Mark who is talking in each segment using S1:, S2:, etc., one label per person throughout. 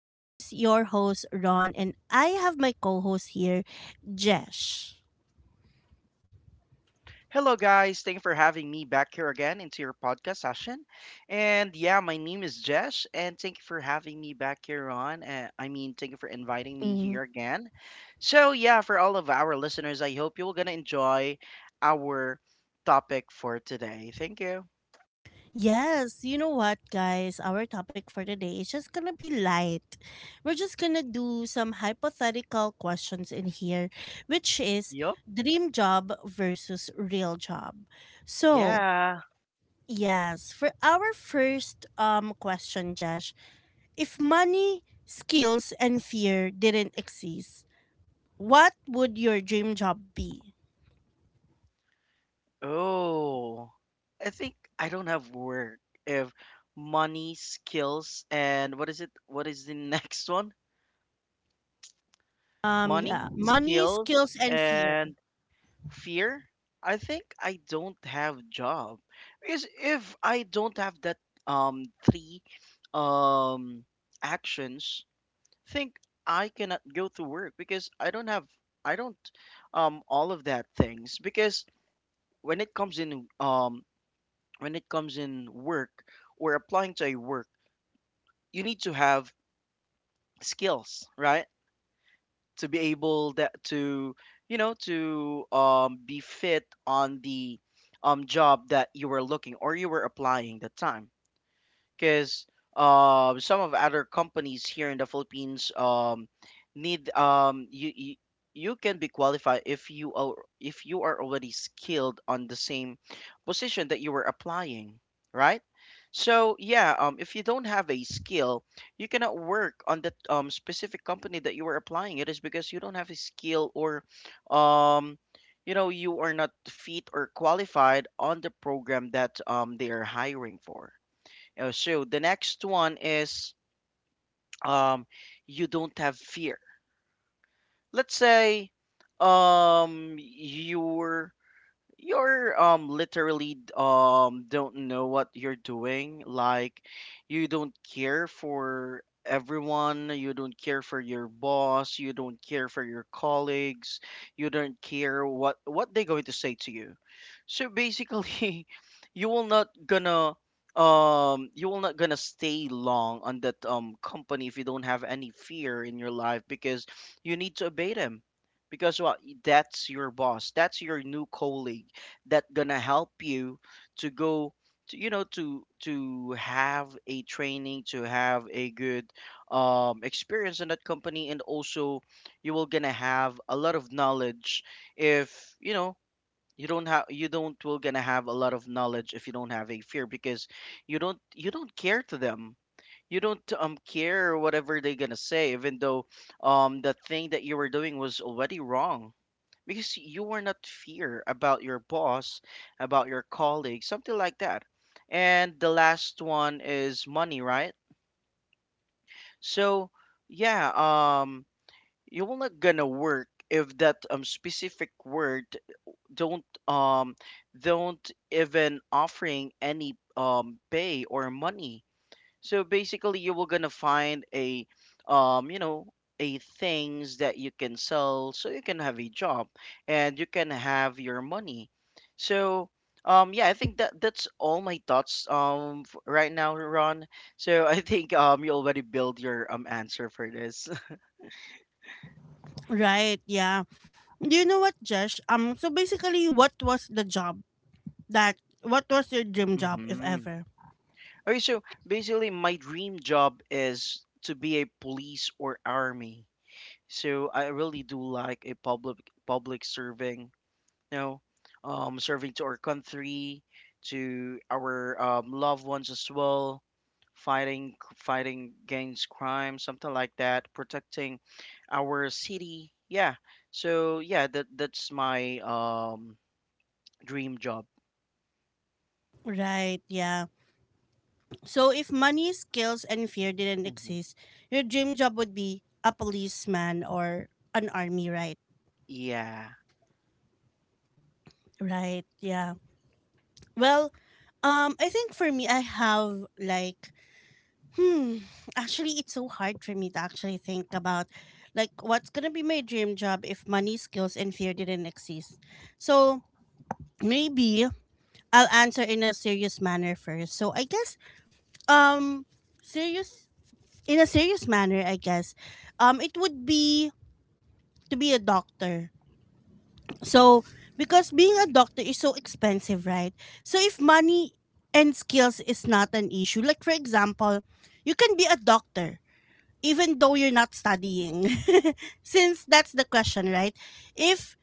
S1: This is your host, Ron, and I have my co host here, Jesh.
S2: Hello, guys. Thank you for having me back here again into your podcast session. And yeah, my name is Jesh, and thank you for having me back here on. Thank you for inviting me
S1: Mhm.
S2: here again. So, yeah, for all of our listeners, I hope you're going to enjoy our topic for today. Thank you.
S1: Yes, you know what, guys? Our topic for today is just gonna be light. We're just gonna do some hypothetical questions in here, which is
S2: Yup.
S1: dream job versus real job. So,
S2: Yeah.
S1: yes, for our first question, Jesh. If money, skills, and fear didn't exist, what would your dream job be?
S2: Oh, I think I don't have work if money, skills, and what is it? What is the next one?
S1: Yeah,
S2: Money,
S1: money,
S2: skills,
S1: skills, and fear.
S2: and fear? I think I don't have job. Because if I don't have that three um actions, think I cannot go to work because I don't have I don't all of that things because when it comes in um when it comes in work or applying to a work, you need to have skills, right? To be able that to be fit on the job that you were looking or you were applying that time because some of other companies here in the Philippines need um you can be qualified if you are already skilled on the same position that you were applying, right? So yeah, if you don't have a skill, you cannot work on that specific company that you were applying. It is because you don't have a skill, or um, you know, you are not fit or qualified on the program that they are hiring for. So the next one is um, you don't have fear. Let's say um, you're you're literally don't know what you're doing, like you don't care for everyone, you don't care for your boss, you don't care for your colleagues, you don't care what they're going to say to you. So basically you will not gonna you will not gonna stay long on that company if you don't have any fear in your life, because you need to obey them, because what, that's your boss, that's your new colleague that gonna help you to go to, you know, to have a training, to have a good experience in that company. And also you will gonna have a lot of knowledge if you know you don't have you don't will gonna have a lot of knowledge if you don't have a fear, because you don't care to them, you don't care whatever they're gonna say, even though the thing that you were doing was already wrong, because you were not fear about your boss, about your colleague, something like that. And the last one is money, right? So yeah, you're not gonna work if that specific word don't um don't even offering any pay or money. So basically, you were gonna find a, you know, a things that you can sell, so you can have a job and you can have your money. So, yeah, I think that that's all my thoughts, right now, Ron. So I think you already built your answer for this.
S1: Right, yeah. Do you know what, Josh? So basically, that, what was your dream job, if
S2: Mm-hmm.
S1: ever?
S2: Okay, so basically, my dream job is to be a police or army. So I really do like a public serving. You know, serving to our country, to our loved ones as well, fighting against crime, something like that, protecting our city. Yeah. So yeah, that that's my dream job.
S1: Right, yeah. So if money, skills, and fear didn't
S2: Hmm.
S1: exist, your dream job would be a policeman or an army, right?
S2: Yeah.
S1: Right, yeah. Well, I think for me, I have like hmm. Actually, it's so hard for me to actually think about like what's gonna be my dream job if money, skills, and fear didn't exist. So maybe I'll answer in a serious manner first. So I guess um serious in a serious manner, I guess. It would be to be a doctor. So because being a doctor is so expensive, right? So if money and skills is not an issue, like for example, you can be a doctor even though you're not studying since that's the question, right? If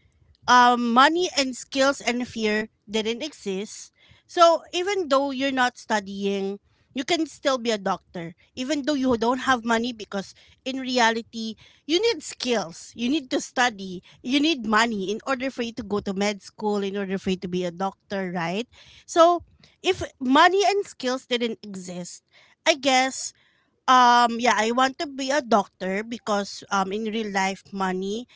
S1: money and skills and fear didn't exist, so even though you're not studying, you can still be a doctor even though you don't have money, because in reality you need skills, you need to study, you need money in order for you to go to med school, in order for you to be a doctor, right? So if money and skills didn't exist, I guess, yeah, I want to be a doctor because in real life money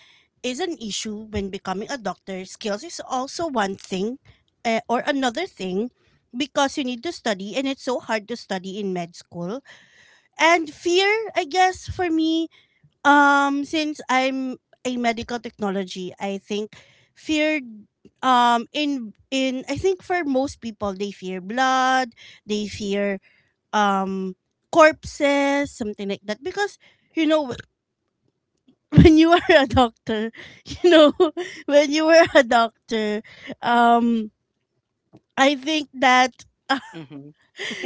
S1: is an issue when becoming a doctor. Skills is also one thing, or another thing, because you need to study and it's so hard to study in med school. And fear, I guess for me, since I'm a medical technology, I think fear in I think for most people they fear blood, they fear um corpses, something like that. Because you know when you are a doctor, you know when you were a doctor, um I think that
S2: Hmm.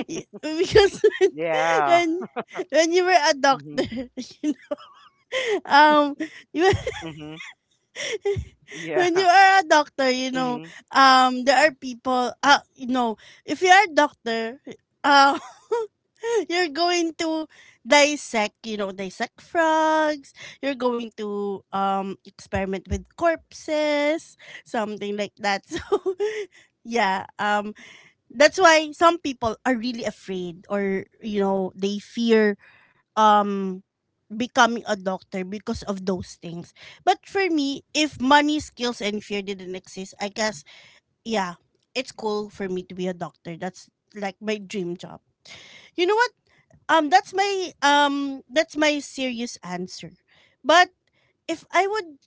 S1: because when
S2: Yeah.
S1: when when you were a
S2: Hmm.
S1: doctor, you know, um you
S2: Hmm.
S1: when
S2: Yeah.
S1: you are a doctor, you know,
S2: Hmm.
S1: there are people. You know, if you are a doctor, uh, you're going to dissect. You know, dissect frogs. You're going to experiment with corpses, something like that. So, yeah, that's why some people are really afraid, or you know, they fear um becoming a doctor because of those things. But for me, if money, skills, and fear didn't exist, I guess, yeah, it's cool for me to be a doctor. That's like my dream job. You know what? That's my serious answer. But if I would,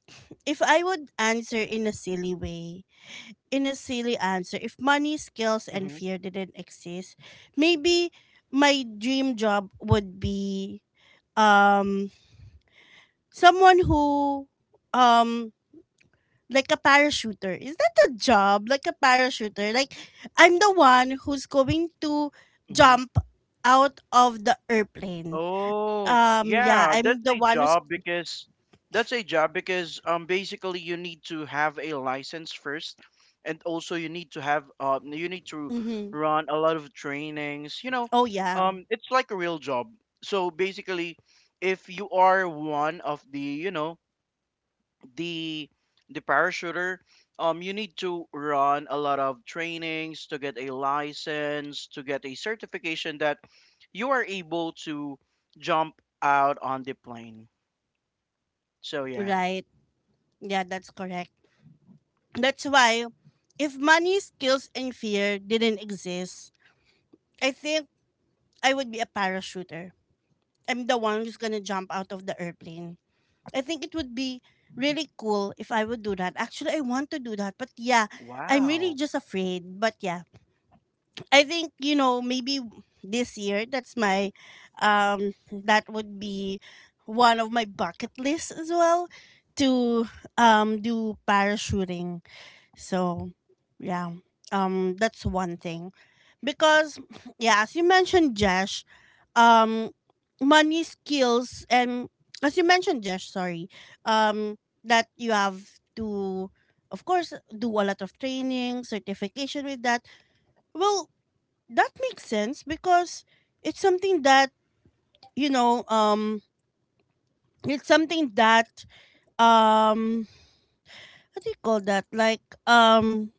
S1: if I would answer in a silly way, in a silly answer, if money, skills, and
S2: Hmm.
S1: fear didn't exist, maybe my dream job would be um someone who um like a parachuter. Is that a job? Like a parachuter? Like I'm the one who's going to
S2: Hmm.
S1: jump out of the airplane.
S2: Oh,
S1: Yeah,
S2: yeah, that's
S1: I'm the
S2: a
S1: one who's
S2: job because that's a job because basically you need to have a license first, and also you need to have you need to
S1: hmm.
S2: run a lot of trainings, you know.
S1: Oh yeah.
S2: It's like a real job. So basically, if you are one of the, you know, the the parachuter, you need to run a lot of trainings to get a license, to get a certification that you are able to jump out on the plane. So yeah.
S1: Right. Yeah, that's correct. That's why if money, skills and fear didn't exist, I think I would be a parachuter. I'm the one who's gonna jump out of the airplane. I think it would be really cool if I would do that. Actually, I want to do that, but yeah, I'm really
S2: Wow.
S1: just afraid. But yeah, I think you know maybe this year that's my um that would be one of my bucket lists as well to do parachuting. So yeah. That's one thing. Because yeah, as you mentioned, Jesh, um money skills and as you mentioned, Jesh, sorry, um that you have to, of course, do a lot of training, certification with that. Well, that makes sense because it's something that, you know, it's something that um what do you call that? Like um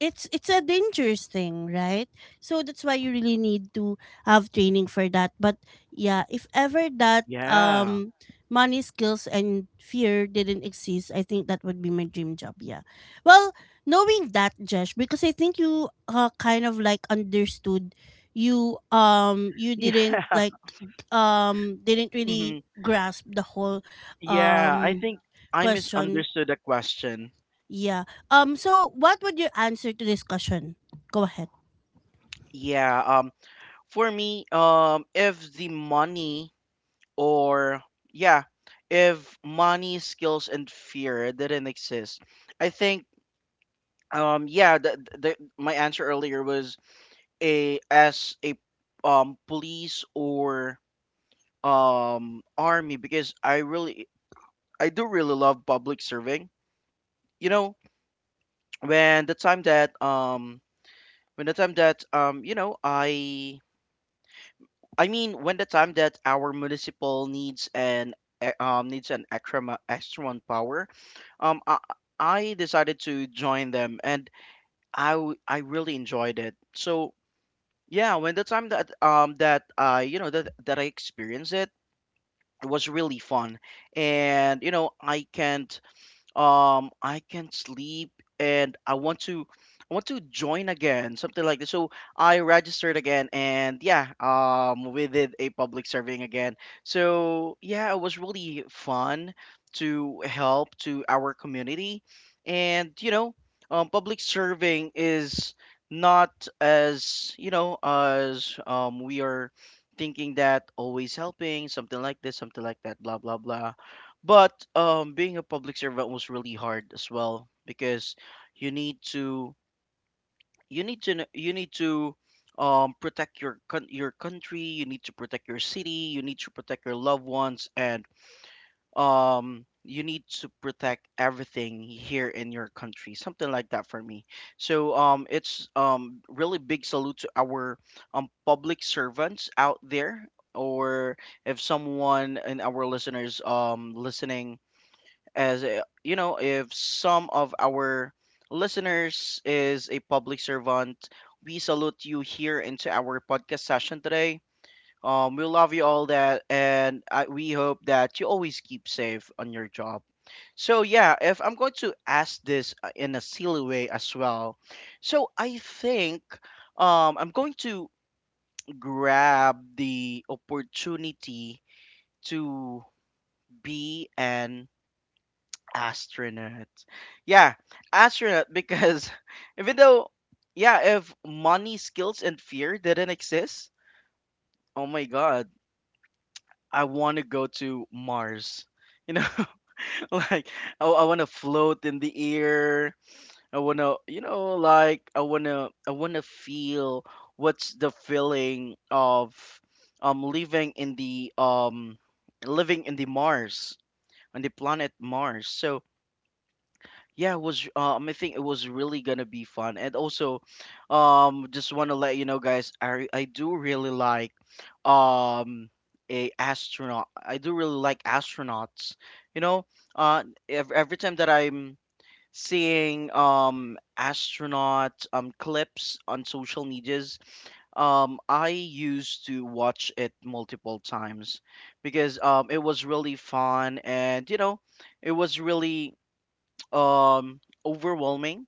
S1: it's a dangerous thing, right? So that's why you really need to have training for that. But yeah, if ever that
S2: Yeah.
S1: money skills and fear didn't exist, I think that would be my dream job. Yeah. Well, knowing that, Jesh, because I think you kind of like understood, you you didn't
S2: Yeah.
S1: like didn't really
S2: Hmm.
S1: grasp the whole
S2: Yeah. I
S1: um
S2: think I
S1: question,
S2: misunderstood the question.
S1: yeah. So what would your answer to this question? Go ahead.
S2: Yeah. For me, if the money or yeah, if money, skills, and fear didn't exist, I think yeah the my answer earlier was a as a police or army, because I do really love public serving. You know, when the time that um when the time that you know I mean when the time that our municipal needs an needs an extra man power, um I, I decided to join them, and I really enjoyed it. So yeah, when the time that I, you know, that that I experienced it, it was really fun. And you know, I can't I can sleep, and I want to join again, something like this. So I registered again, and yeah, we did a public serving again. So yeah, it was really fun to help to our community. And you know, public serving is not, as you know, as we are thinking that, always helping something like this, something like that, blah blah blah. But being a public servant was really hard as well, because you need to you need to protect your your country. You need to protect your city. You need to protect your loved ones, and you need to protect everything here in your country. Something like that for me. So it's really big salute to our public servants out there, or if someone in our listeners listening, as you know, if some of our listeners is a public servant, we salute you here into our podcast session today. We love you all that, and we hope that you always keep safe on your job. So yeah, if I'm going to ask this, in a silly way as well, so I think I'm going to grab the opportunity to be an astronaut. Yeah, astronaut because even though, yeah, if money, skills, and fear didn't exist, oh my god, I want to go to Mars. You know, like I want to float in the air. I want to, you know, like I want to feel what's the feeling of um living in the um living in the Mars, on the planet Mars. So, yeah, it was I think it was really gonna be fun. And also, just wanna let you know guys, I do really like um a astronaut. I do really like astronauts. You know, ev every time that I'm seeing astronaut clips on social medias, I used to watch it multiple times because it was really fun, and you know, it was really um overwhelming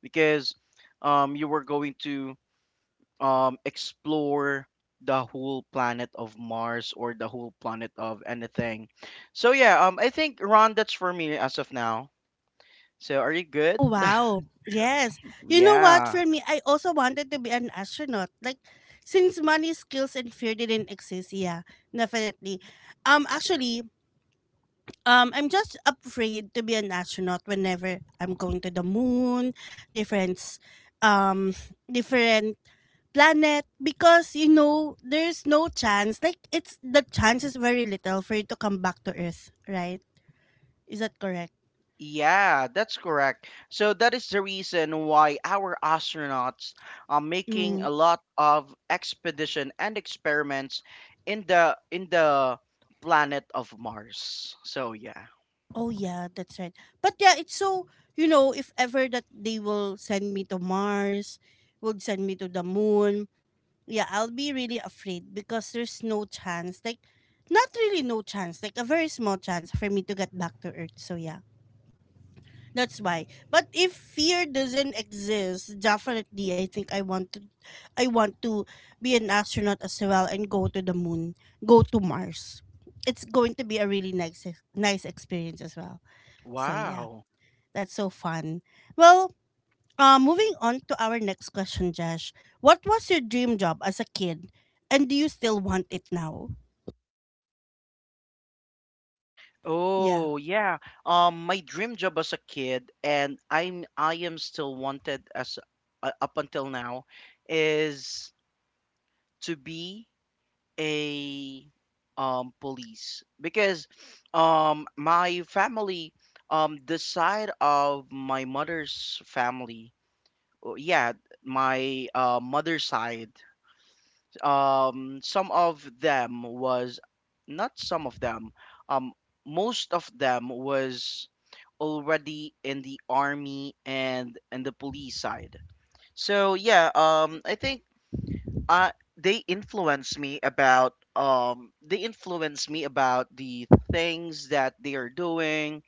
S2: because you were going to explore the whole planet of Mars, or the whole planet of anything. So yeah, I think, Ron, that's for me as of now. So are you good?
S1: Oh, wow. Yes. You know what?
S2: Yeah.
S1: For me, I also wanted to be an astronaut. Like, since money, skills, and fear didn't exist, yeah, definitely. Um, actually, I'm just afraid to be an astronaut whenever I'm going to the moon, different, s- um, different planet, because you know there's no chance, like it's the chance is very little for you to come back to earth, right? Is that correct?
S2: Yeah, that's correct. So that is the reason why our astronauts are making
S1: Mm.
S2: a lot of expedition and experiments in the planet of Mars. So yeah.
S1: Oh yeah, that's right. But yeah, it's so, you know, if ever that they will send me to Mars, would send me to the moon, yeah, I'll be really afraid because there's no chance, like not really no chance, like a very small chance for me to get back to Earth. So yeah. That's why. But if fear doesn't exist, definitely I think I want to be an astronaut as well and go to the moon, go to Mars. It's going to be a really nice nice experience as well. So yeah,
S2: Wow.
S1: that's so fun. Well, moving on to our next question, Josh. What was your dream job as a kid, and do you still want it now? Yeah.
S2: Oh, yeah. My dream job as a kid, and I am still wanted as, up until now, is to be a police, because my family, the side of my mother's family, oh, yeah, my mother's side, some of them was not some of them, um most of them, was already in the army and the police side. So yeah, I think uh they influence me about the things that they are doing,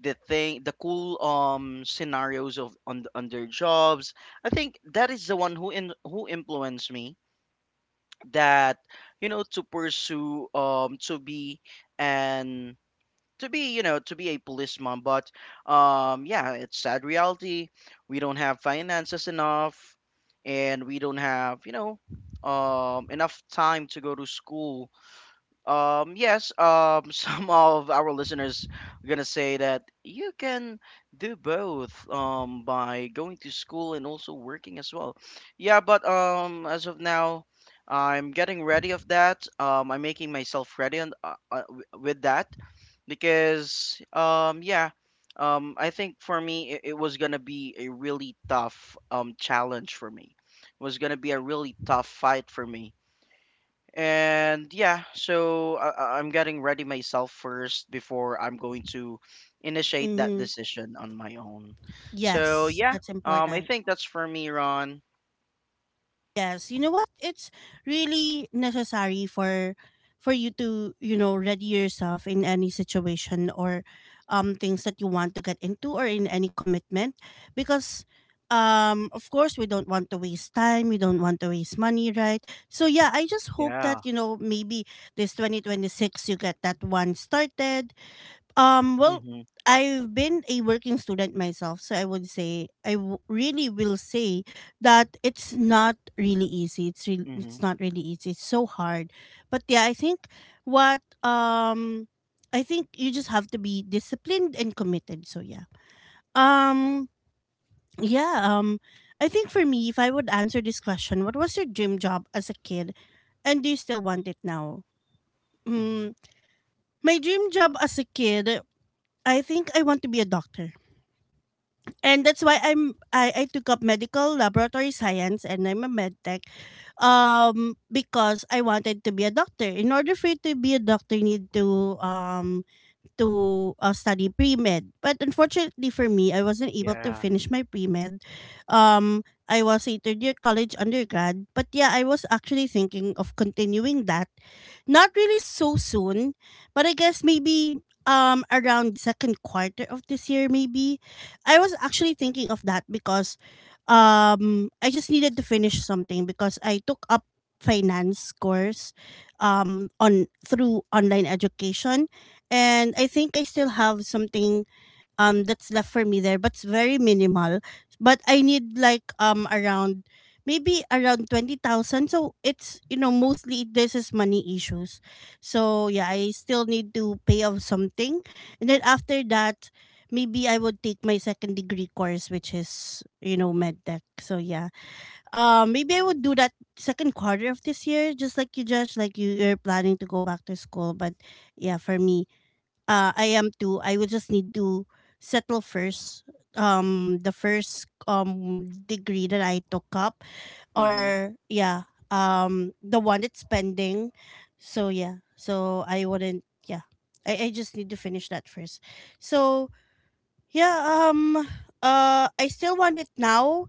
S2: the cool scenarios of on their jobs. I think that is the one who influenced me that, you know, to pursue, and to be, you know, to be a policeman. But yeah, it's sad reality, we don't have finances enough, and we don't have, you know, enough time to go to school. Yes, some of our listeners are gonna say that you can do both, by going to school and also working as well. Yeah, but as of now, I'm getting ready of that. I'm making myself ready on with that, because yeah, I think for me it was gonna be a really tough challenge for me. It was gonna be a really tough fight for me. And yeah, so I'm getting ready myself first before I'm going to initiate that
S1: Mhm.
S2: decision on my own. So
S1: Yes,
S2: yeah,
S1: that's
S2: I
S1: important.
S2: think that's for me, Ron.
S1: Yes, you know what? It's really necessary for you to, you know, ready yourself in any situation or things that you want to get into or in any commitment, because of course we don't want to waste time, we don't want to waste money, right? So yeah, I just hope
S2: Yeah.
S1: that, you know, maybe this 2026 you get that one started, well,
S2: Mhm.
S1: I've been a working student myself, so I would say I w- really will say that it's not really easy. It's
S2: Mhm.
S1: not really easy. It's so hard. But yeah, I think what I think you just have to be disciplined and committed. So yeah. Um yeah, um I think for me, if I would answer this question, what was your dream job as a kid and do you still want it now?
S2: Mhm.
S1: Mm, my dream job as a kid, I think I want to be a doctor, and that's why I took up medical laboratory science and I'm a med tech because I wanted to be a doctor. In order for you to be a doctor, you need to to study pre-med. But unfortunately for me, I wasn't able to
S2: Yeah.
S1: finish my pre-med. Um, I was a third year college undergrad. But yeah, I was actually thinking of continuing that. Not really so soon, but I guess maybe around second quarter of this year maybe. I was actually thinking of that because I just needed to finish something because I took up finance course on through online education, and I think I still have something that's left for me there, but it's very minimal. But I need like around maybe around 20,000. So it's you know mostly this is money issues. So yeah, I still need to pay off something, and then after that, maybe I would take my second degree course, which is you know med tech. So yeah, maybe I would do that second quarter of this year, just like you, Josh, you're planning to go back to school, but yeah, for me I am too. I will just need to settle first. The first degree that I took up,
S2: Mhm.
S1: or yeah, the one that's pending. So yeah, so I wouldn't. Yeah, I just need to finish that first. So yeah, um I still want it now.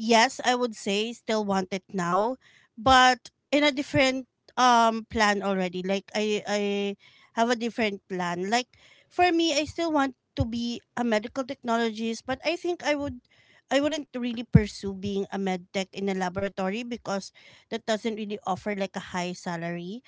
S1: Yes, I would say still want it now, but in a different plan already. Like I have a different plan. Like for me, I still want to be a medical technologist, but I think I wouldn't really pursue being a med tech in a laboratory because that doesn't really offer like a high salary.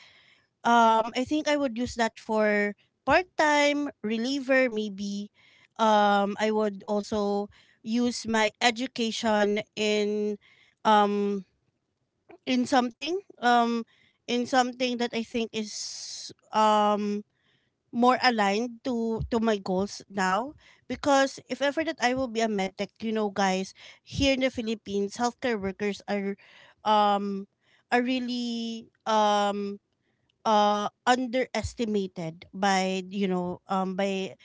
S1: I think I would use that for part-time reliever maybe. I would also use my education um in something um in something that I think is more aligned to my goals now because if ever that I will be a medtech, you know guys, here in the Philippines, healthcare workers um are really underestimated by by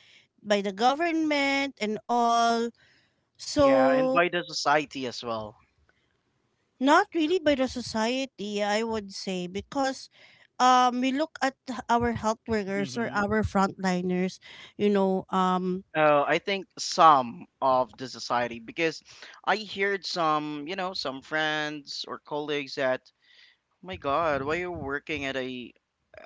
S1: by the government and all,
S2: Yeah, and
S1: so
S2: by the society as well.
S1: not really by the society, I would say, because we look at our health workers or
S2: Mhm.
S1: our frontliners, you know um
S2: I think some of the society because I heard some friends or colleagues that, my God, why you working at a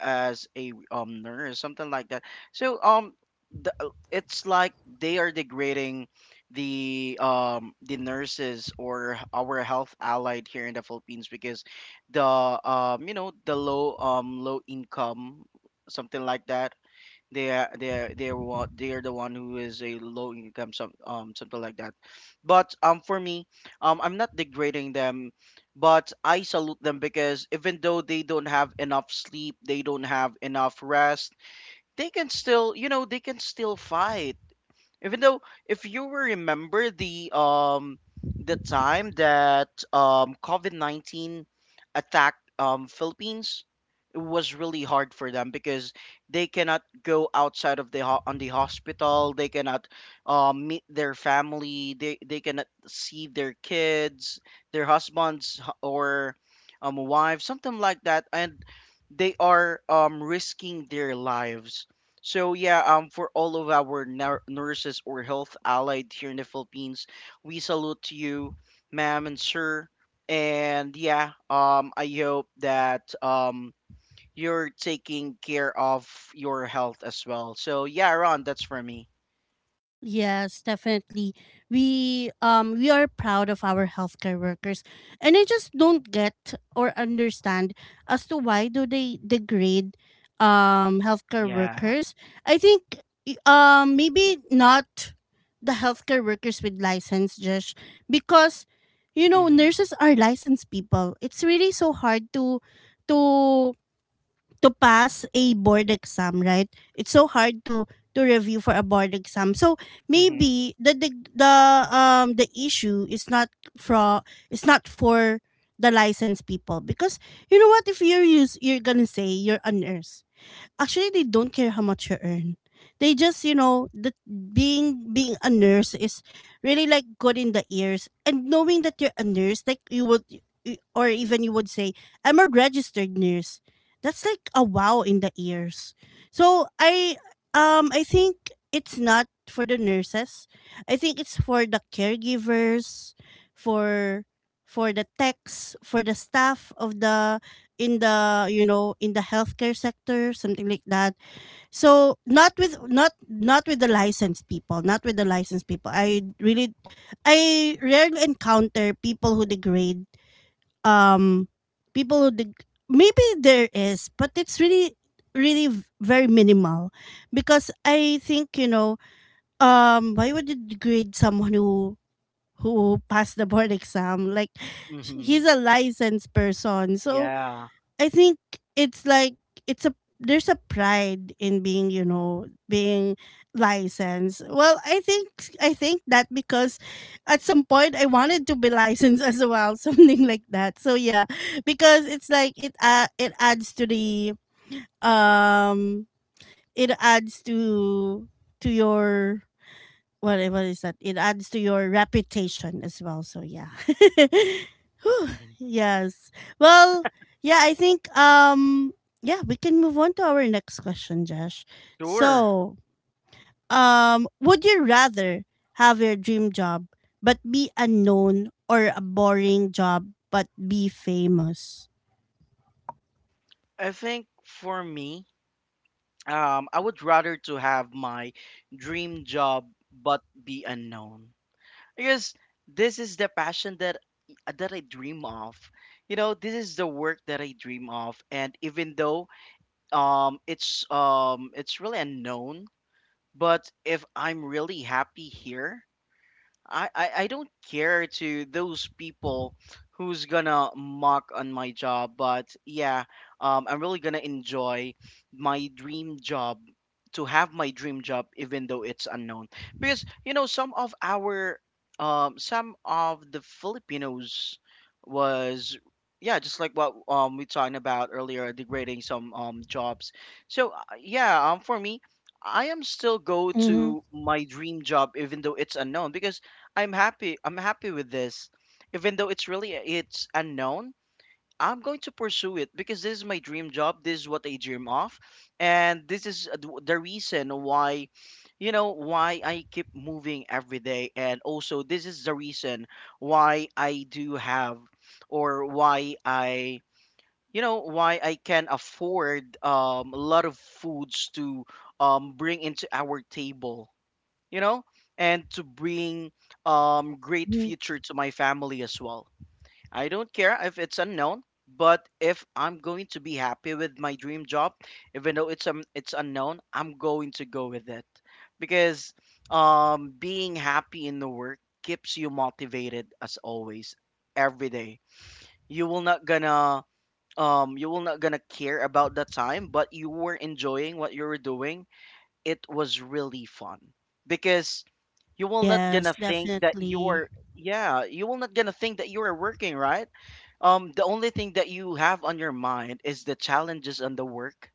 S2: as a nurse, something like that. So it's like they are degrading the nurses or our health allied here in the Philippines, because the you know the low income, something like that. They are they are they are what they are the one who is a low income, something like that. But for me, I'm not degrading them, but I salute them, because even though they don't have enough sleep, they don't have enough rest, they can still fight. Even though, if you will remember, the time that COVID-19 attacked Philippines, it was really hard for them, because they cannot go outside of the ho- on the hospital. They cannot meet their family, they cannot see their kids, their husbands or wives, something like that. And they are risking their lives. So yeah, for all of our nurses or health allied here in the Philippines, we salute to you, ma'am and sir. And yeah, I hope that you're taking care of your health as well. So yeah, Ron, that's for me.
S1: yes, definitely. We are proud of our healthcare workers. And I just don't get or understand as to why do they degrade healthcare
S2: Yeah.
S1: workers. I think maybe not the healthcare workers with license, just because, you know,
S2: Mhm.
S1: nurses are licensed people. It's really so hard to to pass a board exam, right? It's so hard to review for a board exam. So
S2: Mhm.
S1: maybe the the issue is not for, it's not for the licensed people, because you know, what if you're gonna say you're a nurse. Actually, they don't care how much you earn. They just, you know, that being a nurse is really like good in the ears, and knowing that you're a nurse, like you would, or even you would say, "I'm a registered nurse." That's like a wow in the ears. So I think it's not for the nurses. I think it's for the caregivers, for for the techs, for the staff of the, in the, you know, in the healthcare sector, something like that. So not with, not with the licensed people, not with the licensed people. I really, I rarely encounter people who degrade um people who maybe there is, but it's really really very minimal, because I think, you know, why would you degrade someone who passed the board exam, like,
S2: Mhm.
S1: he's a licensed person. So
S2: Yeah.
S1: I think it's like, it's a there's a pride in being, you know, being licensed. Well, I think, I think that because at some point I wanted to be licensed as well, something like that. So yeah, because it's like it adds to the um it adds to your, what is that? It adds to your reputation as well. So yeah. Whew,
S2: Mhm.
S1: yes. Well, yeah, I think yeah, we can move on to our next question, Josh.
S2: Sure.
S1: So, would you rather have your dream job but be unknown, or a boring job but be famous?
S2: I think for me, I would rather to have my dream job but be unknown, because this is the passion that I dream of. You know, this is the work that I dream of, and even though it's really unknown, but if I'm really happy here, I don't care to those people who's gonna mock on my job. But yeah, I'm really gonna enjoy my dream job, to have my dream job even though it's unknown, because you know, some of the Filipinos was, yeah, just like what we talking about earlier, degrading some jobs. So yeah, for me, I am still go
S1: Mhm.
S2: to my dream job even though it's unknown, because I'm happy. I'm happy with this. Even though it's really, it's unknown, I'm going to pursue it because this is my dream job. This is what I dream of, and this is the reason why I keep moving every day. And also, this is the reason why I do have, or why I can afford a lot of foods to bring into our table, you know, and to bring great
S1: Mhm.
S2: future to my family as well. I don't care if it's unknown, but if I'm going to be happy with my dream job, even though it's unknown, I'm going to go with it, because being happy in the work keeps you motivated, as always, every day. You will not gonna you will not gonna care about the time, but you were enjoying what you were doing. It was really fun, because you will not gonna
S1: Yes,
S2: think that you're
S1: definitely.
S2: yeah you will not gonna think that you are working, right? The only thing that you have on your mind is the challenges on the work,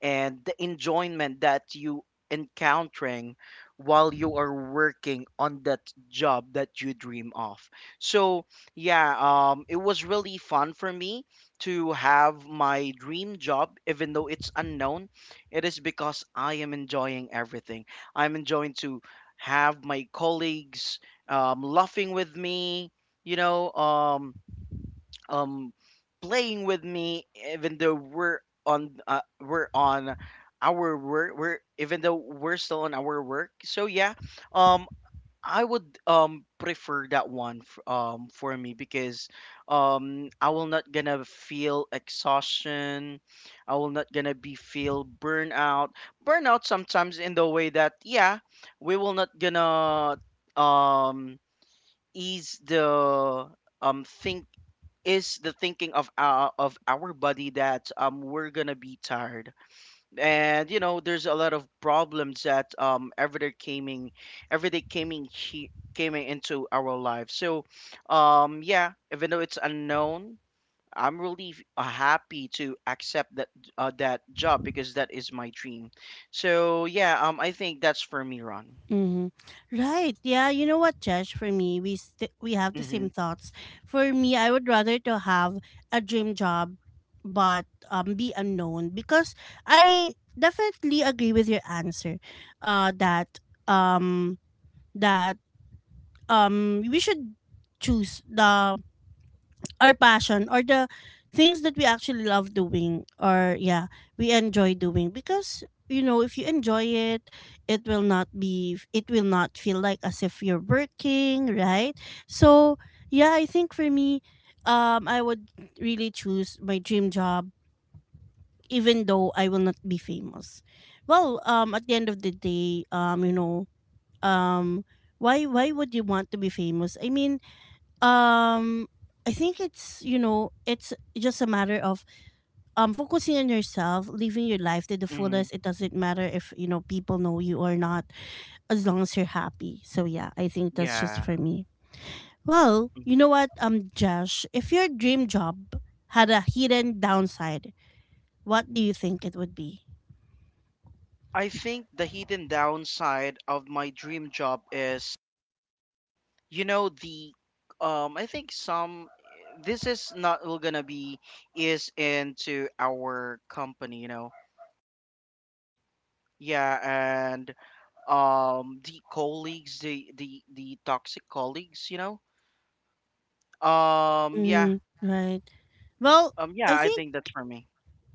S2: and the enjoyment that you encountering while you are working on that job that you dream of. So yeah, it was really fun for me to have my dream job, even though it's unknown. It is because I am enjoying everything. I'm enjoying to have my colleagues laughing with me. You know, um playing with me, even though we're on our work. We're Even though we're still on our work, so yeah, um I would prefer that one, for me, because I will not gonna feel exhaustion. I will not gonna be feel burnout. Burnout sometimes, in the way that, yeah, we will not gonna um ease the thinking, is the thinking of our body that we're gonna be tired. And you know, there's a lot of problems that everyday coming, he came into our life. So yeah, even though it's unknown, I'm really happy to accept that job, because that is my dream. So yeah, I think that's for me, Ron.
S1: Mm-hmm. Right. Yeah. You know what, Josh? For me, we we have the
S2: Mm-hmm.
S1: same thoughts. For me, I would rather to have a dream job, but be unknown, because I definitely agree with your answer. That um that we should choose the, our passion, or the things that we actually love doing, or yeah, we enjoy doing, because you know, if you enjoy it, it will not be it will not feel like as if you're working, right? So yeah, I think for me, I would really choose my dream job, even though I will not be famous. Well, at the end of the day, um why would you want to be famous? I mean, um, I think it's, you know, it's just a matter of focusing on yourself, living your life to the
S2: Mm-hmm.
S1: fullest. It doesn't matter if, you know, people know you or not, as long as you're happy. So yeah, I think that's just
S2: Yeah.
S1: for me. Well, you
S2: Mhm.
S1: know what, Josh, if your dream job had a hidden downside, what do you think it would be?
S2: I think the hidden downside of my dream job is, you know, the, I think some, this is not all gonna be, is into our company, you know. Yeah. And the colleagues, the toxic colleagues, you know. Yeah.
S1: Mm, right. Well,
S2: Yeah,
S1: I
S2: I
S1: think
S2: think that's for me.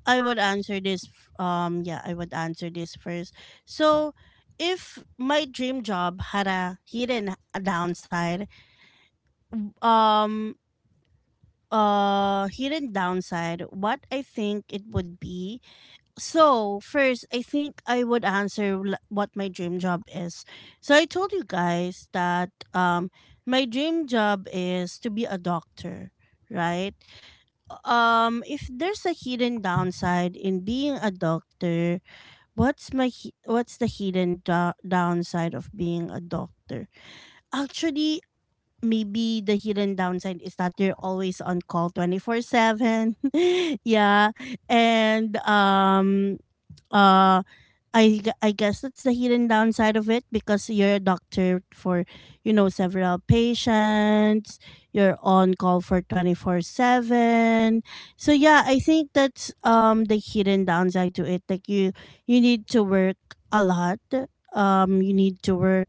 S1: I would answer this. Yeah, I would answer this first. So, if my dream job had a um, hidden downside, what I think it would be. So, first, I think I would answer what my dream job is. So, I told you guys that my dream job is to be a doctor, right? If there's a hidden downside in being a doctor, what's my what's the hidden downside of being a doctor? Actually, maybe the hidden downside is that you're always on call 24/7. Yeah. And uh I, I guess that's the hidden downside of it, because you're a doctor for, you know, several patients. You're on call for 24/7. So yeah, I think that's the hidden downside to it. Like, you need to work a lot. You need to work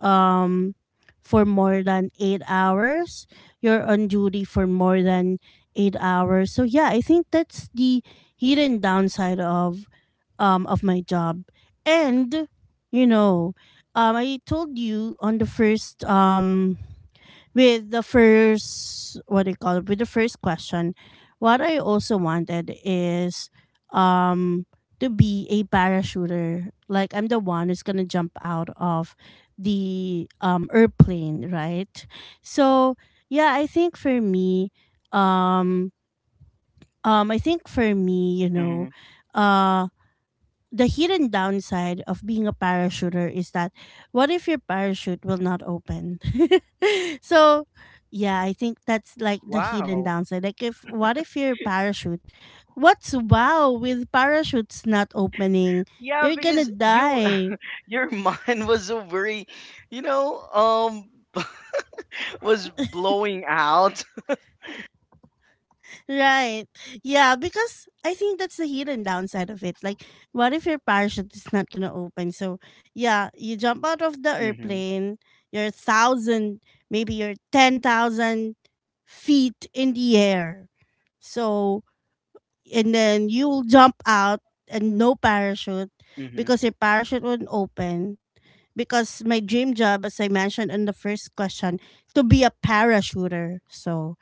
S1: um for more than 8 hours. You're on duty for more than 8 hours. So yeah, I think that's the hidden downside of my job. And you know, I told you on the first with the first, what do you call it, with the first question, what I also wanted is um to be a parachuter, like I'm the one who's gonna jump out of the airplane right? So yeah, I think for me, um I think for me, you know,
S2: Hmm.
S1: uh the hidden downside of being a parachuter is that, what if your parachute will not open? So, yeah, I think that's like the hidden
S2: Wow.
S1: downside. Like, if, what if your parachute, what's wow with parachutes not opening?
S2: Yeah,
S1: You're going to
S2: because you
S1: die.
S2: your mind was so very, you know, was blowing out.
S1: Right. Yeah, because I think that's the hidden downside of it. Like, what if your parachute is not gonna open? So, yeah, you jump out of the
S2: Hmm.
S1: airplane, you're thousand, maybe you're 10,000 feet in the air. So, and then you'll jump out and no parachute,
S2: Hmm.
S1: because your parachute won't open. Because my dream job, as I mentioned in the first question, to be a parachuter. So,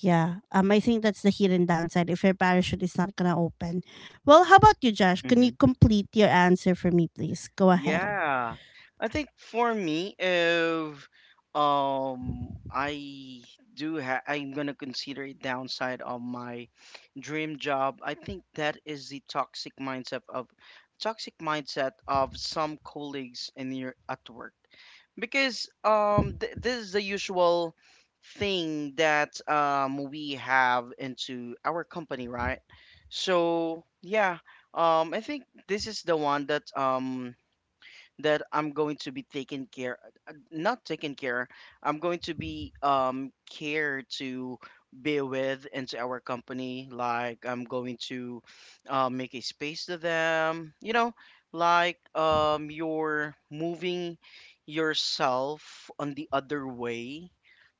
S1: yeah. I think that's the hidden downside if your parachute is not gonna open. Well, how about you, Josh? Can you complete your answer for me, please? Go ahead.
S2: Yeah. I think for me, if I do ha I'm gonna consider a downside of my dream job, I think that is the toxic mindset of, some colleagues in your at work. Because th this is the usual thing that we have into our company, right? So yeah, I think this is the one that that I'm going to be taken care, not taken care, I'm going to be cared to be with into our company, like I'm going to, make a space to them, you know, like you're moving yourself on the other way,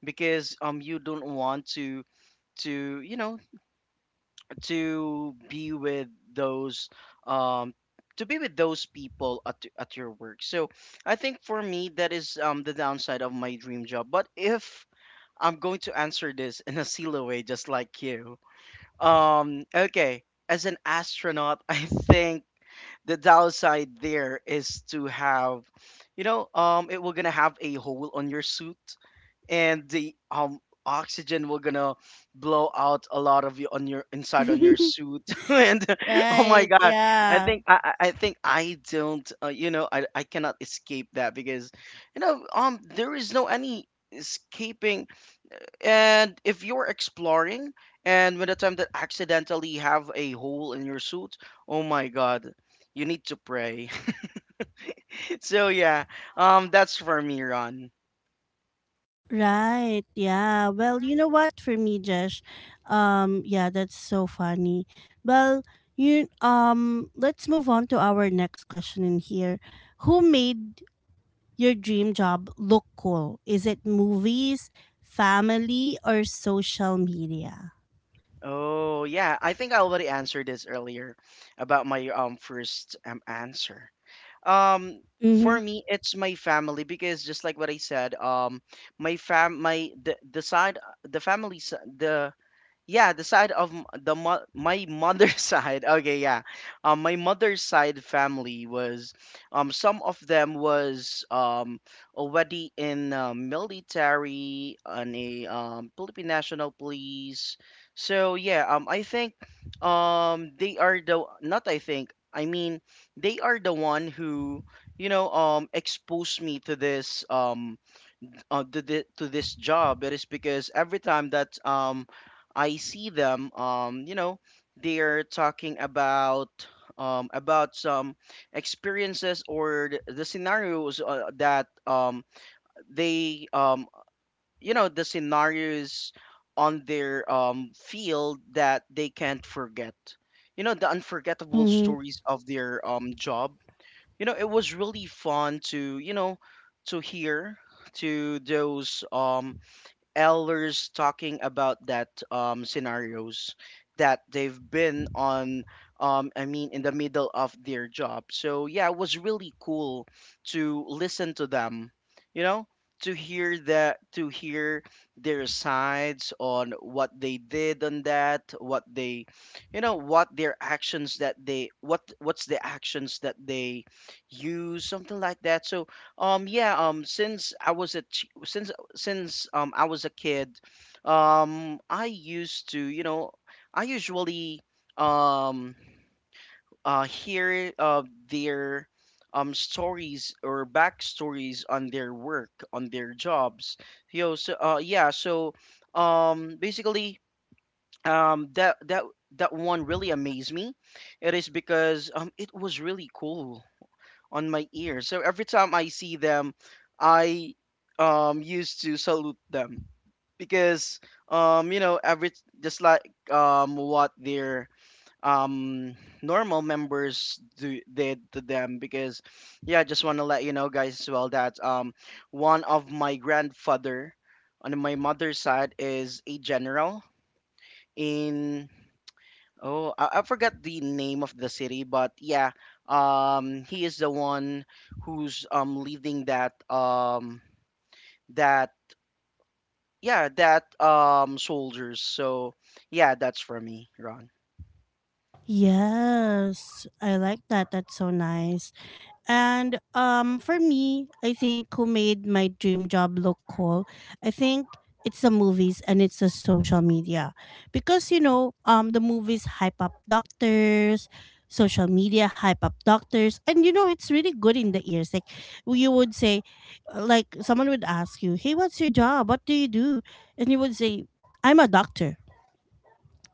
S2: because you don't want to, to you know to be with those um people at your work. So I think for me, that is the downside of my dream job. But if I'm going to answer this in a silo way, just like you, okay, as an astronaut, I think the downside there is to have, you know, it will gonna have a hole on your suit, and the oxygen will gonna blow out a lot of you on your inside, on your suit, and oh my
S1: Right.
S2: god.
S1: Yeah.
S2: I think I don't, you know, I cannot escape that, because you know, there is no any escaping. And if you're exploring, and when the time that accidentally have a hole in your suit, oh my god, you need to pray. So yeah, that's for me, Ron.
S1: Right. Yeah. Well, you know what? For me, Josh, yeah, that's so funny. Well, you let's move on to our next question in here. Who made your dream job look cool? Is it movies, family, or social media?
S2: Oh, yeah. I think I already answered this earlier, about my first answer. Um for me, it's my family, because just like what I said, my fam my the side the yeah, the side of my mother's side. Okay, yeah. My mother's side family was, some of them was already in, military and a Philippine National Police. So yeah, I think, they are the, not, I think, I mean, they are the one who, you know, exposed me to this, to, the, to this job. It is because every time that I see them, you know, they're talking about, some experiences, or the scenarios, that they, you know, the scenarios on their field, that they can't forget, you know, the unforgettable
S1: Hmm.
S2: stories of their job. You know, it was really fun to, you know, to hear to those elders talking about that, scenarios that they've been on, I mean, in the middle of their job. So yeah, it was really cool to listen to them, you know, to hear that, to hear their sides on what they did on that what they, you know, what their actions that they, what's the actions that they use, something like that. So yeah, since I was a chi- since I was a kid, I used to, you know, I usually, um hear, their stories, or backstories on their work, on their jobs. Yo, so yeah, so basically, um that that that one really amazed me. It is because it was really cool on my ear. So every time I see them, I used to salute them, because you know, every, just like what their um normal members do did to them. Because yeah, I just want to let you know, guys, as well, that one of my grandfather on my mother's side is a general in, oh, I forgot the name of the city, but yeah, he is the one who's leading that, that yeah, that, soldiers. So yeah, that's for me, Ron.
S1: Yes, I like that. That's so nice. And for me, I think who made my dream job look cool, I think it's the movies and it's the social media, because you know, the movies hype up doctors, social media hype up doctors, and you know, it's really good in the ears. Like, you would say, like, someone would ask you, "Hey, what's your job? What do you do?" And you would say, "I'm a doctor."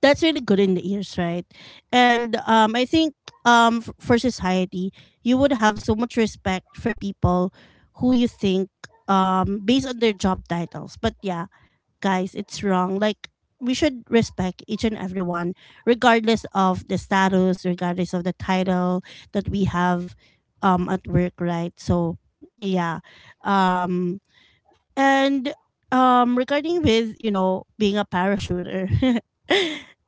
S1: That's really good in the ears, right? And I think for society, you would have so much respect for people who you think based on their job titles. But yeah, guys, it's wrong. Like, we should respect each and everyone, regardless of the status, regardless of the title that we have at work, right? So yeah, um, and regarding with, you know, being a parachuter,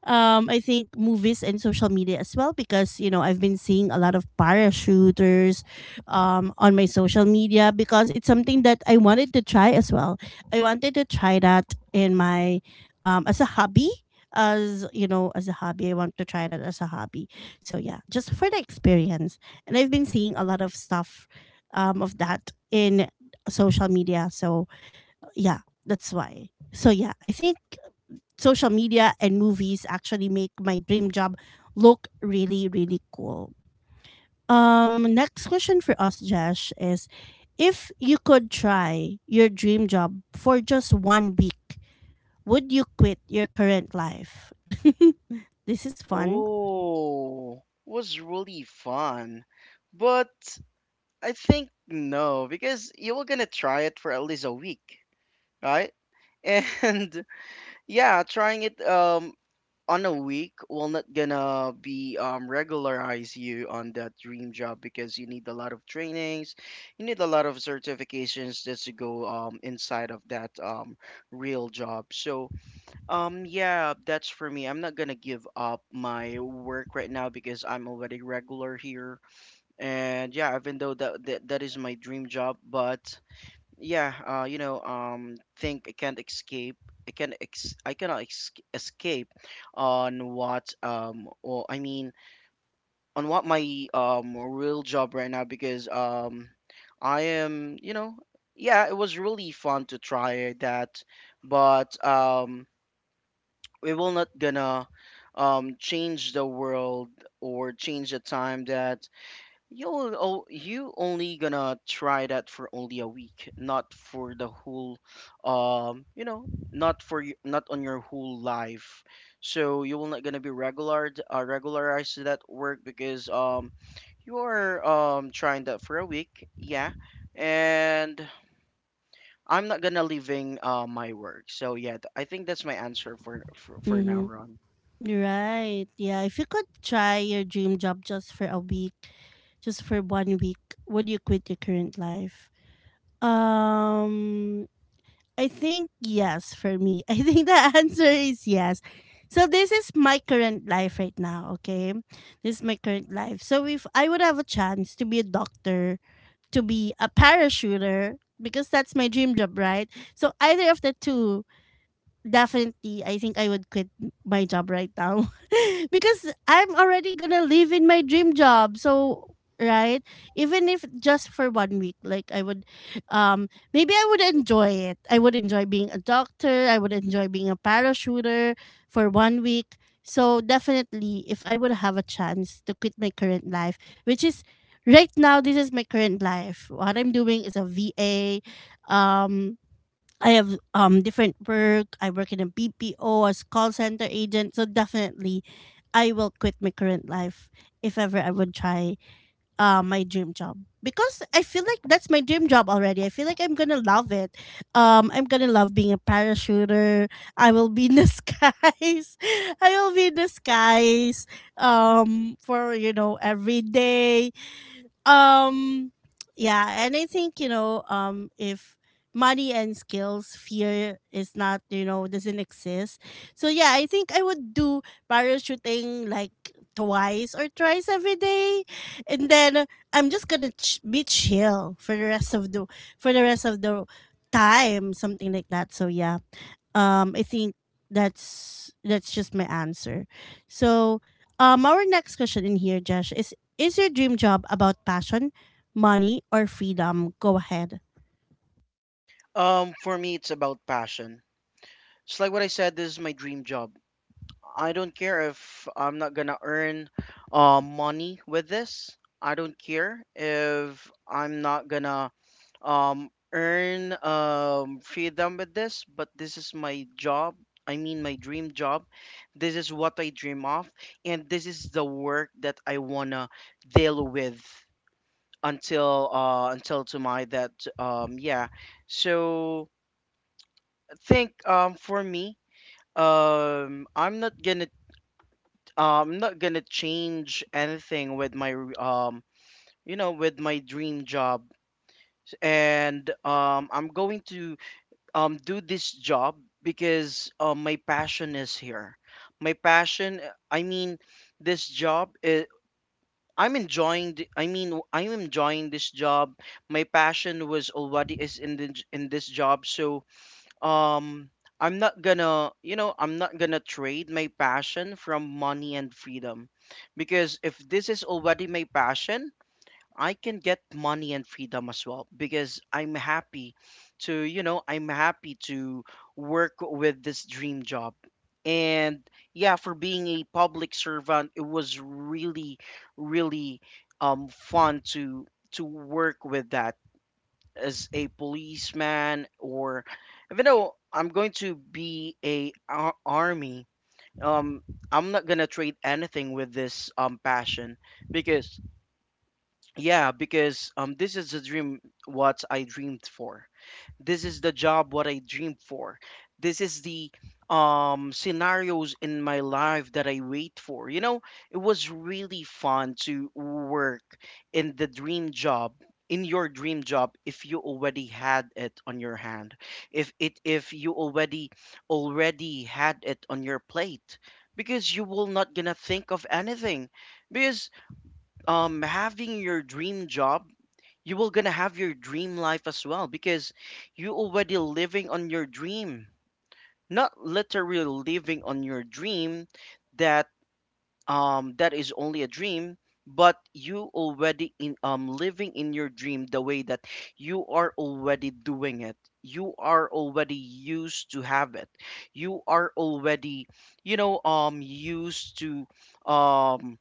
S1: I think movies and social media as well, because you know, I've been seeing a lot of parachuters on my social media, because it's something that I wanted to try as well. I wanted to try that in my as a hobby, as you know, as a hobby, I want to try that as a hobby, so yeah, just for the experience. And I've been seeing a lot of stuff of that in social media, so yeah, that's why. So yeah, I think social media and movies actually make my dream job look really, really cool. Next question for us, Josh, is, if you could try your dream job for just one week, would you quit your current life? This is fun.
S2: Oh, was really fun, but I think no, because you were gonna try it for at least a week, right? And yeah, trying it on a week will not gonna be regularize you on that dream job because you need a lot of trainings, you need a lot of certifications just to go inside of that real job. Yeah, that's for me. I'm not gonna give up my work right now because I'm already regular here. And yeah, even though that is my dream job, but yeah, think I can't escape. I cannot ex escape on what or I mean on what my real job right now because I am yeah it was really fun to try that but we will not gonna change the world or change the time that you only gonna try that for only a week not for the whole um you know not for not on your whole life so you will not gonna be regularized to that work because you are trying that for a week, yeah. And I'm not gonna leaving my work so yeah, I think that's my answer for for now,
S1: Mm-hmm.
S2: Ron.
S1: Right. Yeah. If you could try your dream job just for a week, just for one week, would you quit your current life? Um. I think yes for me. I think the answer is yes. So this is my current life right now, okay? This is my current life. So if I would have a chance to be a doctor, to be a parachuter, because that's my dream job, right? So either of the two, definitely I think I would quit my job right now, because I'm already gonna live in my dream job. So right, even if just for one week, like I would, maybe I would enjoy it. I would enjoy being a doctor. I would enjoy being a parachuter for one week. So definitely, if I would have a chance to quit my current life, which is right now, this is my current life. What I'm doing is a VA. Um, I have different work. I work in a BPO as call center agent. So definitely, I will quit my current life if ever I would try my dream job, because I feel like that's my dream job already. I feel like I'm gonna love it. I'm gonna love being a parachuter. I will be in the skies. I will be in the skies. For you know every day um yeah. And I think, if money and skills fear is not, doesn't exist, so yeah, I think I would do parachuting like twice or thrice every day, and then I'm just gonna be chill for the rest of the for the rest of the time, something like that. So yeah, I think that's just my answer. So, our next question in here, Josh, is your dream job about passion, money, or freedom? Go ahead.
S2: For me, it's about passion. It's like what I said, this is my dream job. I don't care if I'm not gonna earn money with this. I don't care if I'm not gonna earn freedom with this, but this is my job. I mean, my dream job. This is what I dream of, and this is the work that I wanna deal with until until tomorrow. That Yeah. So think for me um I'm not gonna I'm not gonna change anything with my um with my dream job and I'm going to do this job because my passion is here. My passion I mean This job is I'm enjoying the, I mean I'm enjoying this job. My passion was already is in in this job so um I'm not gonna I'm not gonna trade my passion from money and freedom because if this is already my passion I can get money and freedom as well because I'm happy to I'm happy to work with this dream job. And yeah, for being a public servant it was really really fun to work with that as a policeman or even though I'm going to be a army. um I'm not gonna trade anything with this passion because yeah, because this is the dream what I dreamed for. This is the job what I dreamed for. This is the scenarios in my life that I wait for. You know, it was really fun to work in the dream job, in your dream job, if you already had it on your hand, if you already already had it on your plate, because you will not gonna think of anything, because having your dream job you will gonna have your dream life as well because you already living on your dream, not literally living on your dream, that that is only a dream but you already in living in your dream the way that you are already doing it, you are already used to have it, you are already used to um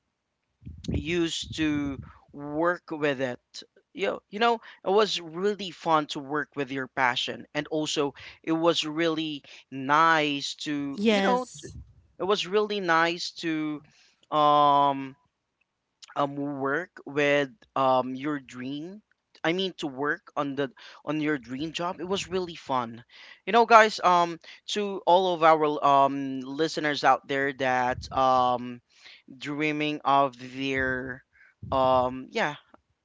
S2: used to work with it. You know, it was really fun to work with your passion. And also, it was really nice to, you know,
S1: Yes.
S2: it was really nice to um, work with your dream. I mean to work on the on your dream job. It was really fun. You know, guys, to all of our listeners out there that dreaming of their um yeah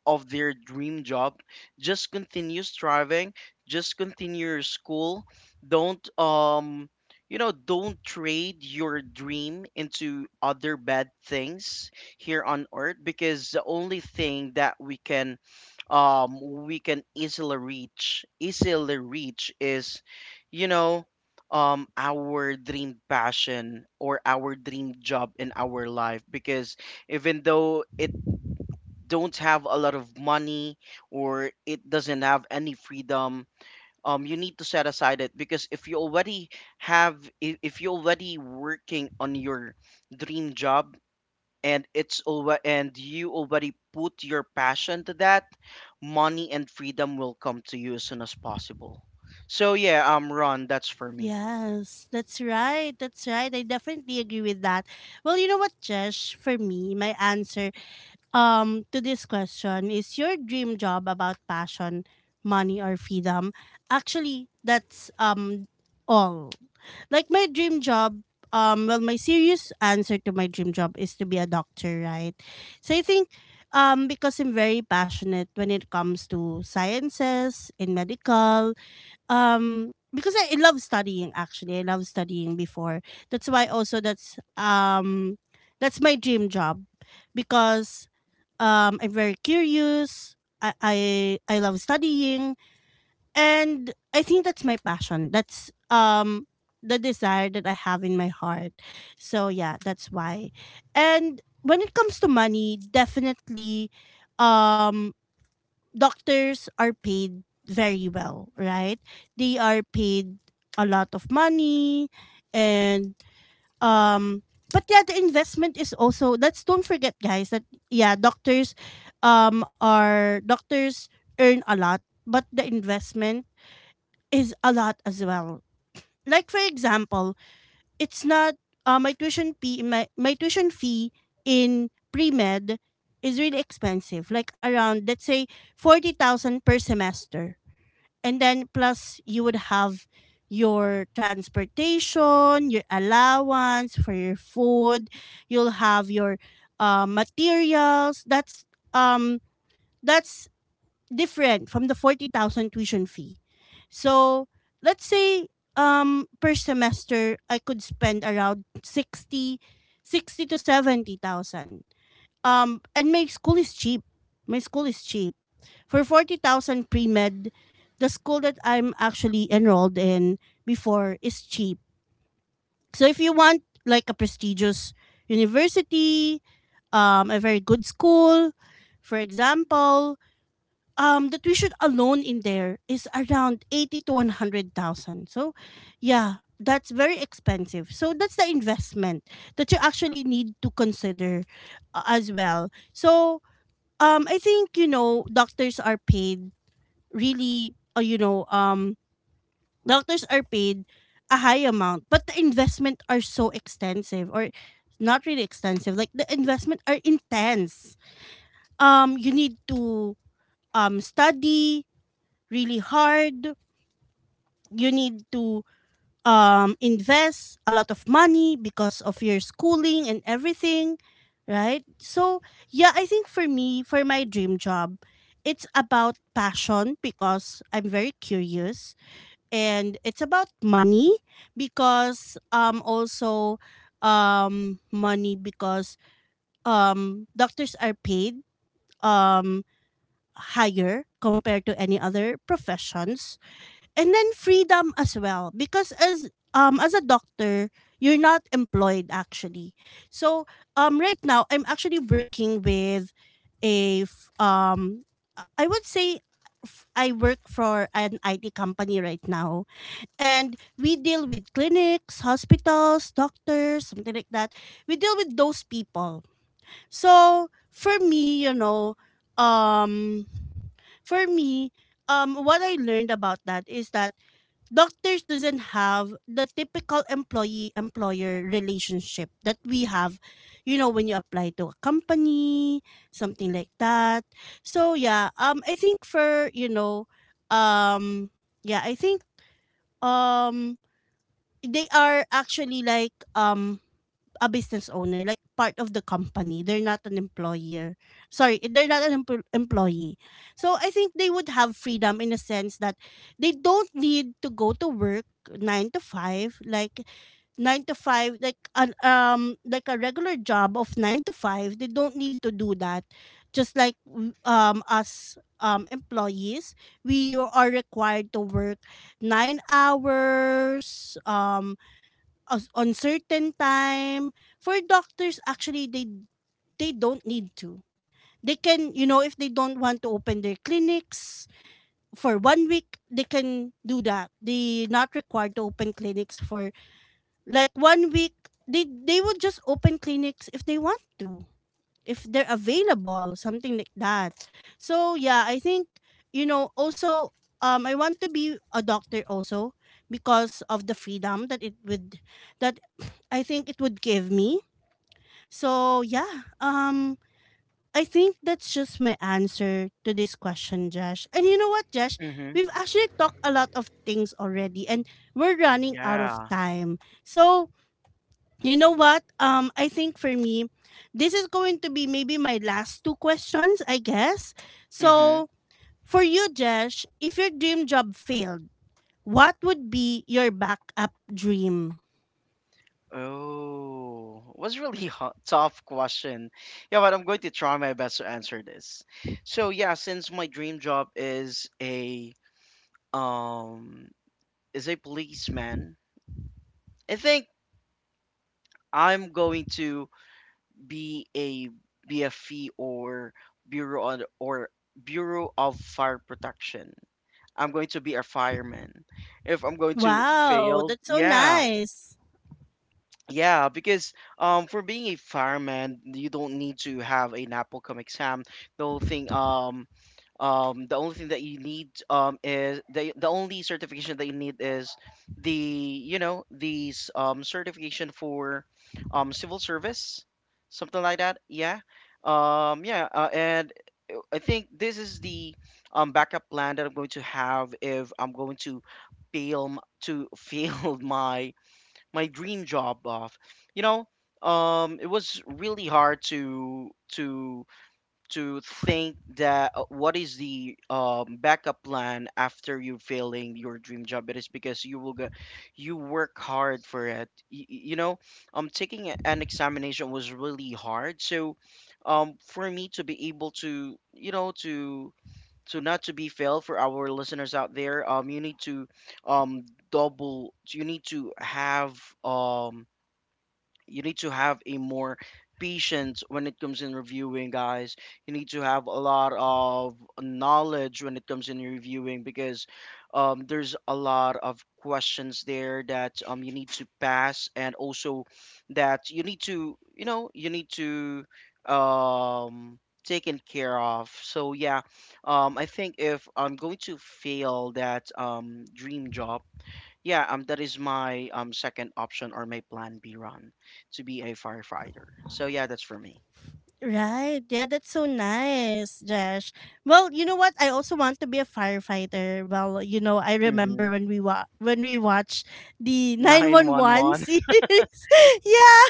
S2: of their dream job, just continue striving, just continue your school, don't um don't trade your dream into other bad things here on earth because the only thing that um we can easily reach is you know our dream passion or our dream job in our life because even though it don't have a lot of money or it doesn't have any freedom, you need to set aside it because if you already have if you're already working on your dream job and it's over. And you already put your passion to that, money and freedom will come to you as soon as possible. So yeah, Ron, that's for me.
S1: Yes, that's right. That's right. I definitely agree with that. Well, you know what, Jesh? For me, my answer to this question, is your dream job about passion, money, or freedom? Actually, that's all, like, my dream job. Well, my serious answer to my dream job is to be a doctor, right? So I think, because I'm very passionate when it comes to sciences, in medical, because I love studying, actually. I love studying before. That's why also, that's that's my dream job, because I'm very curious. I love studying, and I think that's my passion. That's the desire that I have in my heart. So yeah, that's why. And when it comes to money, definitely, um, doctors are paid very well, right? They are paid a lot of money, and um, but yeah, the investment is also. Let's don't forget, guys, that yeah, doctors, are doctors earn a lot, but the investment is a lot as well. Like, for example, it's not my tuition fee. My tuition fee in pre med is really expensive, like around, let's say, 40,000 per semester, and then plus you would have your transportation, your allowance for your food, you'll have your materials. Um that's different from the 40,000 tuition fee. So, let's say, per semester I could spend around 60, 60 to 70,000. And my school is cheap. My school is cheap. For 40,000 pre-med, the school that I'm actually enrolled in before is cheap. So if you want like a prestigious university, a very good school, for example, the tuition alone in there is around 80 to 100,000. So yeah, that's very expensive. So that's the investment that you actually need to consider as well. So I think, you know, doctors are paid really. Doctors are paid a high amount, but the investment are so extensive, or not really extensive. Like, the investment are intense. You need to study really hard. You need to invest a lot of money because of your schooling and everything, right? So, yeah, I think for me, for my dream job, it's about passion because I'm very curious, and it's about money because also money, because doctors are paid um higher compared to any other professions, and then freedom as well, because as a doctor, you're not employed, actually. So right now I'm actually working with a f- um I would say, I work for an IT company right now, and we deal with clinics, hospitals, doctors, something like that. We deal with those people. So for me, you know, um for me what I learned about that is that doctors doesn't have the typical employee employer relationship that we have, you know, when you apply to a company, something like that. So yeah, I think, for you know um yeah, I think um they are actually like a business owner, like part of the company. They're not an employer. Sorry, they're not an employee. So I think they would have freedom in a sense that they don't need to go to work nine to five, like nine to five, like an like a regular job of nine to five. They don't need to do that. Just like w- us employees, we are required to work 9 hours on certain time. For doctors, actually, they don't need to. They can, you know, if they don't want to open their clinics for one week, they can do that. They not required to open clinics for like one week. They would just open clinics if they want to, if they're available, something like that. So yeah, I think, you know. Also, I want to be a doctor also because of the freedom that it would, that I think it would give me. So yeah, I think that's just my answer to this question, Josh. And you know what, Josh?
S2: Mm-hmm.
S1: We've actually talked a lot of things already, and we're running out of
S2: Yeah.
S1: time. So, you know what? I think for me, this is going to be maybe my last two questions, I guess.
S2: Mm-hmm.
S1: So for you, Josh, if your dream job failed, what would be your backup dream?
S2: Oh, was really a tough question. Yeah, but I'm going to try my best to answer this. So yeah, since my dream job um is a policeman, I think I'm going to be a BFE or Bureau on, or Bureau of Fire Protection. I'm going to be a fireman. If I'm going to
S1: Wow,
S2: fail,
S1: that's so
S2: yeah.
S1: nice.
S2: Yeah, because for being a fireman, you don't need to have a Napocom exam. The whole thing, the only thing that you need is the only certification that you need is the you know these certification for civil service, something like that. Yeah, yeah, and I think this is the backup plan that I'm going to have if I'm going to fail my my dream job off. You know, it was really hard to to think that what is the backup plan after you failing your dream job. It is because you will go, you work hard for it. You know, taking an examination was really hard. So for me to be able to, you know, to not to be failed, for our listeners out there, you need to um double you need to have um you need to have a more patience when it comes in reviewing, guys, you need to have a lot of knowledge when it comes in reviewing because there's a lot of questions there that you need to pass and also that you need to, you know, you need to um, taken care of. So yeah, I think if I'm going to fail that dream job, yeah, that is my second option or my plan B, run to be a firefighter. So yeah, that's for me.
S1: Right. Yeah, that's so nice, Josh. Well, you know what? I also want to be a firefighter. Well, you know, I
S2: Mm-hmm.
S1: remember when we when we watched the
S2: Nine one
S1: 911
S2: one.
S1: series. Yeah.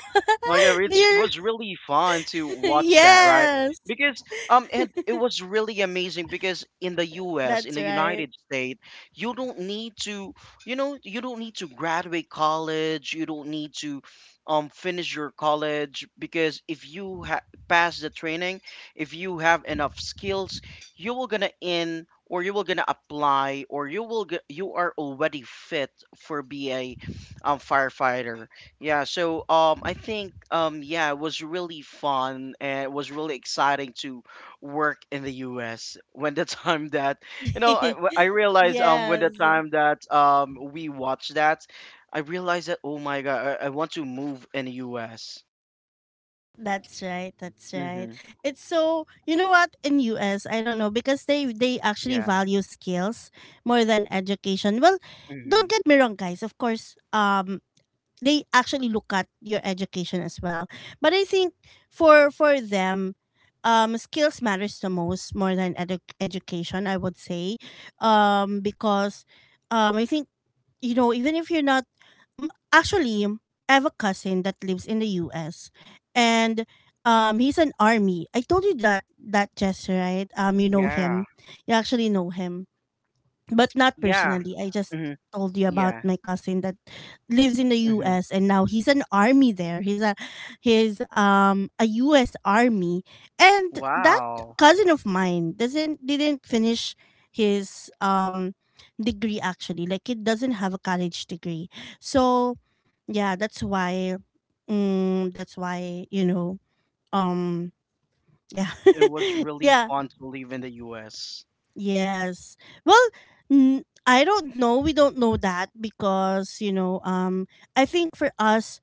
S2: Like
S1: The
S2: it was really fun to watch that, right?
S1: yes.
S2: Because and it was really amazing because in the U.S., in
S1: That's
S2: the
S1: right.
S2: United States, you don't need to, you know, you don't need to graduate college, you don't need to, finish your college because if you pass the training, if you have enough skills, you will gonna in or you will gonna apply or you will you are already fit for be a, firefighter, yeah. So I think yeah, it was really fun and it was really exciting to work in the U.S. When the time that you know, I realized when
S1: Yes.
S2: the time that we watched that, I realized that oh my God, I want to move in the U.S.
S1: That's right. That's right.
S2: Mm-hmm.
S1: It's so, you know what? In US, I don't know because they actually
S2: Yeah.
S1: value skills more than education. Well,
S2: Mm-hmm.
S1: don't get me wrong, guys, of course, they actually look at your education as well. But I think for them, skills matters the most, more than education, I would say, because I think, you know, even if you're not actually, I have a cousin that lives in the U.S. and he's an army. I told you that, that gesture, right? You know
S2: Yeah.
S1: him. You actually know him, but not
S2: Yeah.
S1: personally. I just
S2: Mm-hmm.
S1: told you about
S2: Yeah.
S1: my cousin that lives in the
S2: Mm-hmm.
S1: US, and now he's an army there. He's a US army. And that
S2: Wow,
S1: cousin of mine doesn't didn't finish his degree, actually. Like, he doesn't have a college degree. So yeah, that's why, mm, that's why, you know, um yeah.
S2: it was really
S1: Yeah.
S2: fun to live in the U.S.
S1: Yes. Well, I don't know. We don't know that because, you know, I think for us,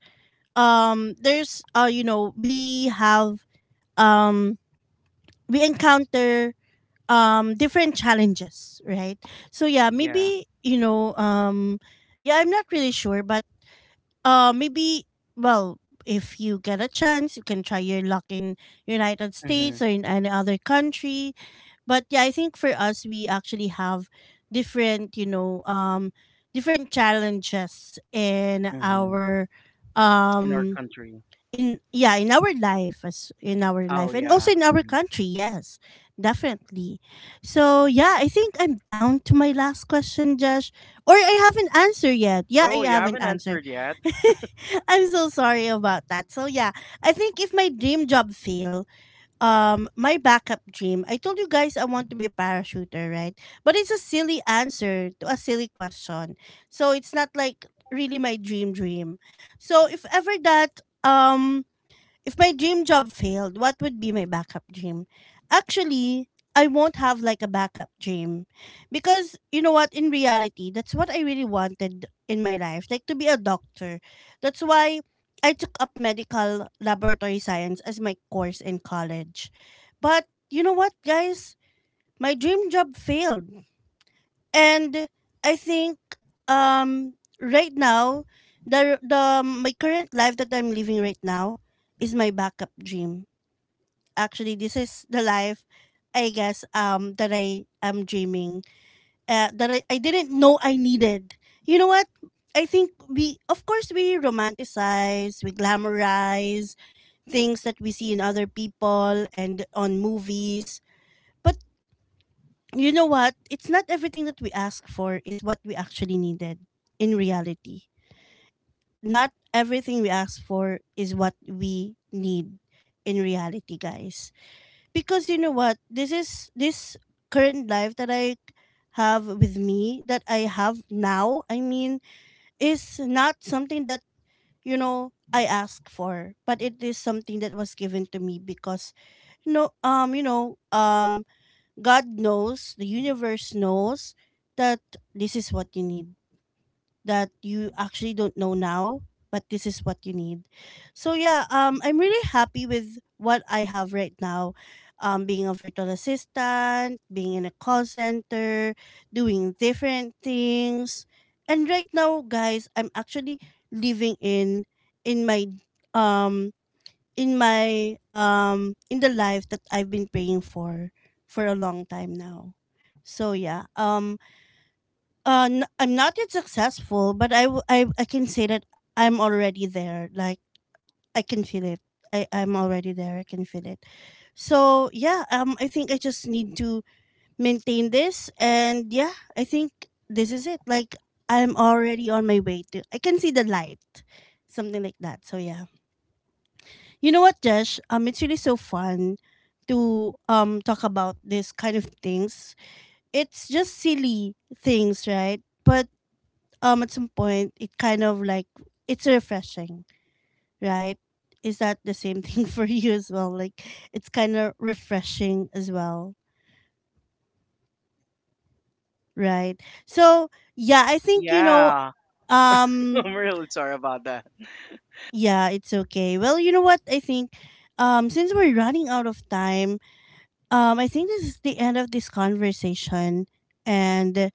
S1: there's you know, we have um we encounter different challenges, right? So yeah,
S2: Yeah.
S1: maybe, you know, yeah, I'm not really sure, but maybe, well, if you get a chance, you can try your luck in United
S2: Mm-hmm.
S1: States or in any other country. But yeah, I think for us, we actually have different, you know, different challenges in
S2: Mm-hmm.
S1: our,
S2: In our
S1: um,
S2: country.
S1: in yeah, in our life, as in our
S2: Oh
S1: life and
S2: yeah.
S1: also in our
S2: Hmm.
S1: country. Yes, definitely. So yeah, I think I'm down to my last question, Josh, or I haven't answered yet. Yeah,
S2: Oh,
S1: I
S2: you
S1: haven't
S2: haven't
S1: answered.
S2: answered yet?
S1: I'm so sorry about that. So yeah, I think if my dream job fail, my backup dream. I told you guys I want to be a parachuter, right? But it's a silly answer to a silly question. So it's not like really my dream dream. So if ever that if my dream job failed, what would be my backup dream? Actually, I won't have like a backup dream because, you know what, in reality, that's what I really wanted in my life, like, to be a doctor. That's why I took up medical laboratory science as my course in college. But you know what, guys? My dream job failed, and I think, um right now, the my current life that I'm living right now is my backup dream. Actually, this is the life, I guess, that I am dreaming, I didn't know I needed. You know what? I think we, of course we romanticize, we glamorize things that we see in other people and on movies. But you know what? It's not everything that we ask for is what we actually needed in reality. Not everything we ask for is what we need in reality, guys. Because you know what? This is this current life that I have with me, that I have now, I mean, is not something that, you know, I ask for, but it is something that was given to me because, you know, God knows, the universe knows that this is what you need. That you actually don't know now, but this is what you need. So yeah, I'm really happy with what I have right now. Being a virtual assistant, being in a call center, doing different things. And right now, guys, I'm actually living in in my um my in the life that I've been praying for a long time now. So yeah, I'm not yet successful, but I can say that I'm already there. Like, I can feel it. I'm already there. I can feel it. So yeah, I think I just need to maintain this, and yeah, I think this is it. Like, I'm already on my way to. I can see the light, something like that. So yeah. You know what, Jesh? It's really so fun to talk about this kind of things. It's just silly things, right? But at some point, it kind of like, it's refreshing, right? Is that the same thing for you as well? Like, it's kind of refreshing as well, right? So yeah, I think you know.
S2: Yeah.
S1: Um,
S2: I'm really sorry about that.
S1: yeah, it's okay. Well, you know what? I think, since we're running out of time, I think this is the end of this conversation. And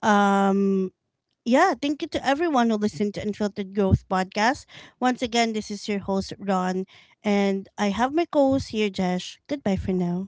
S1: um, yeah, thank you to everyone who listened to Unfiltered Growth Podcast. Once again, this is your host, Ron. And I have my co host here, Jesh. Goodbye for now.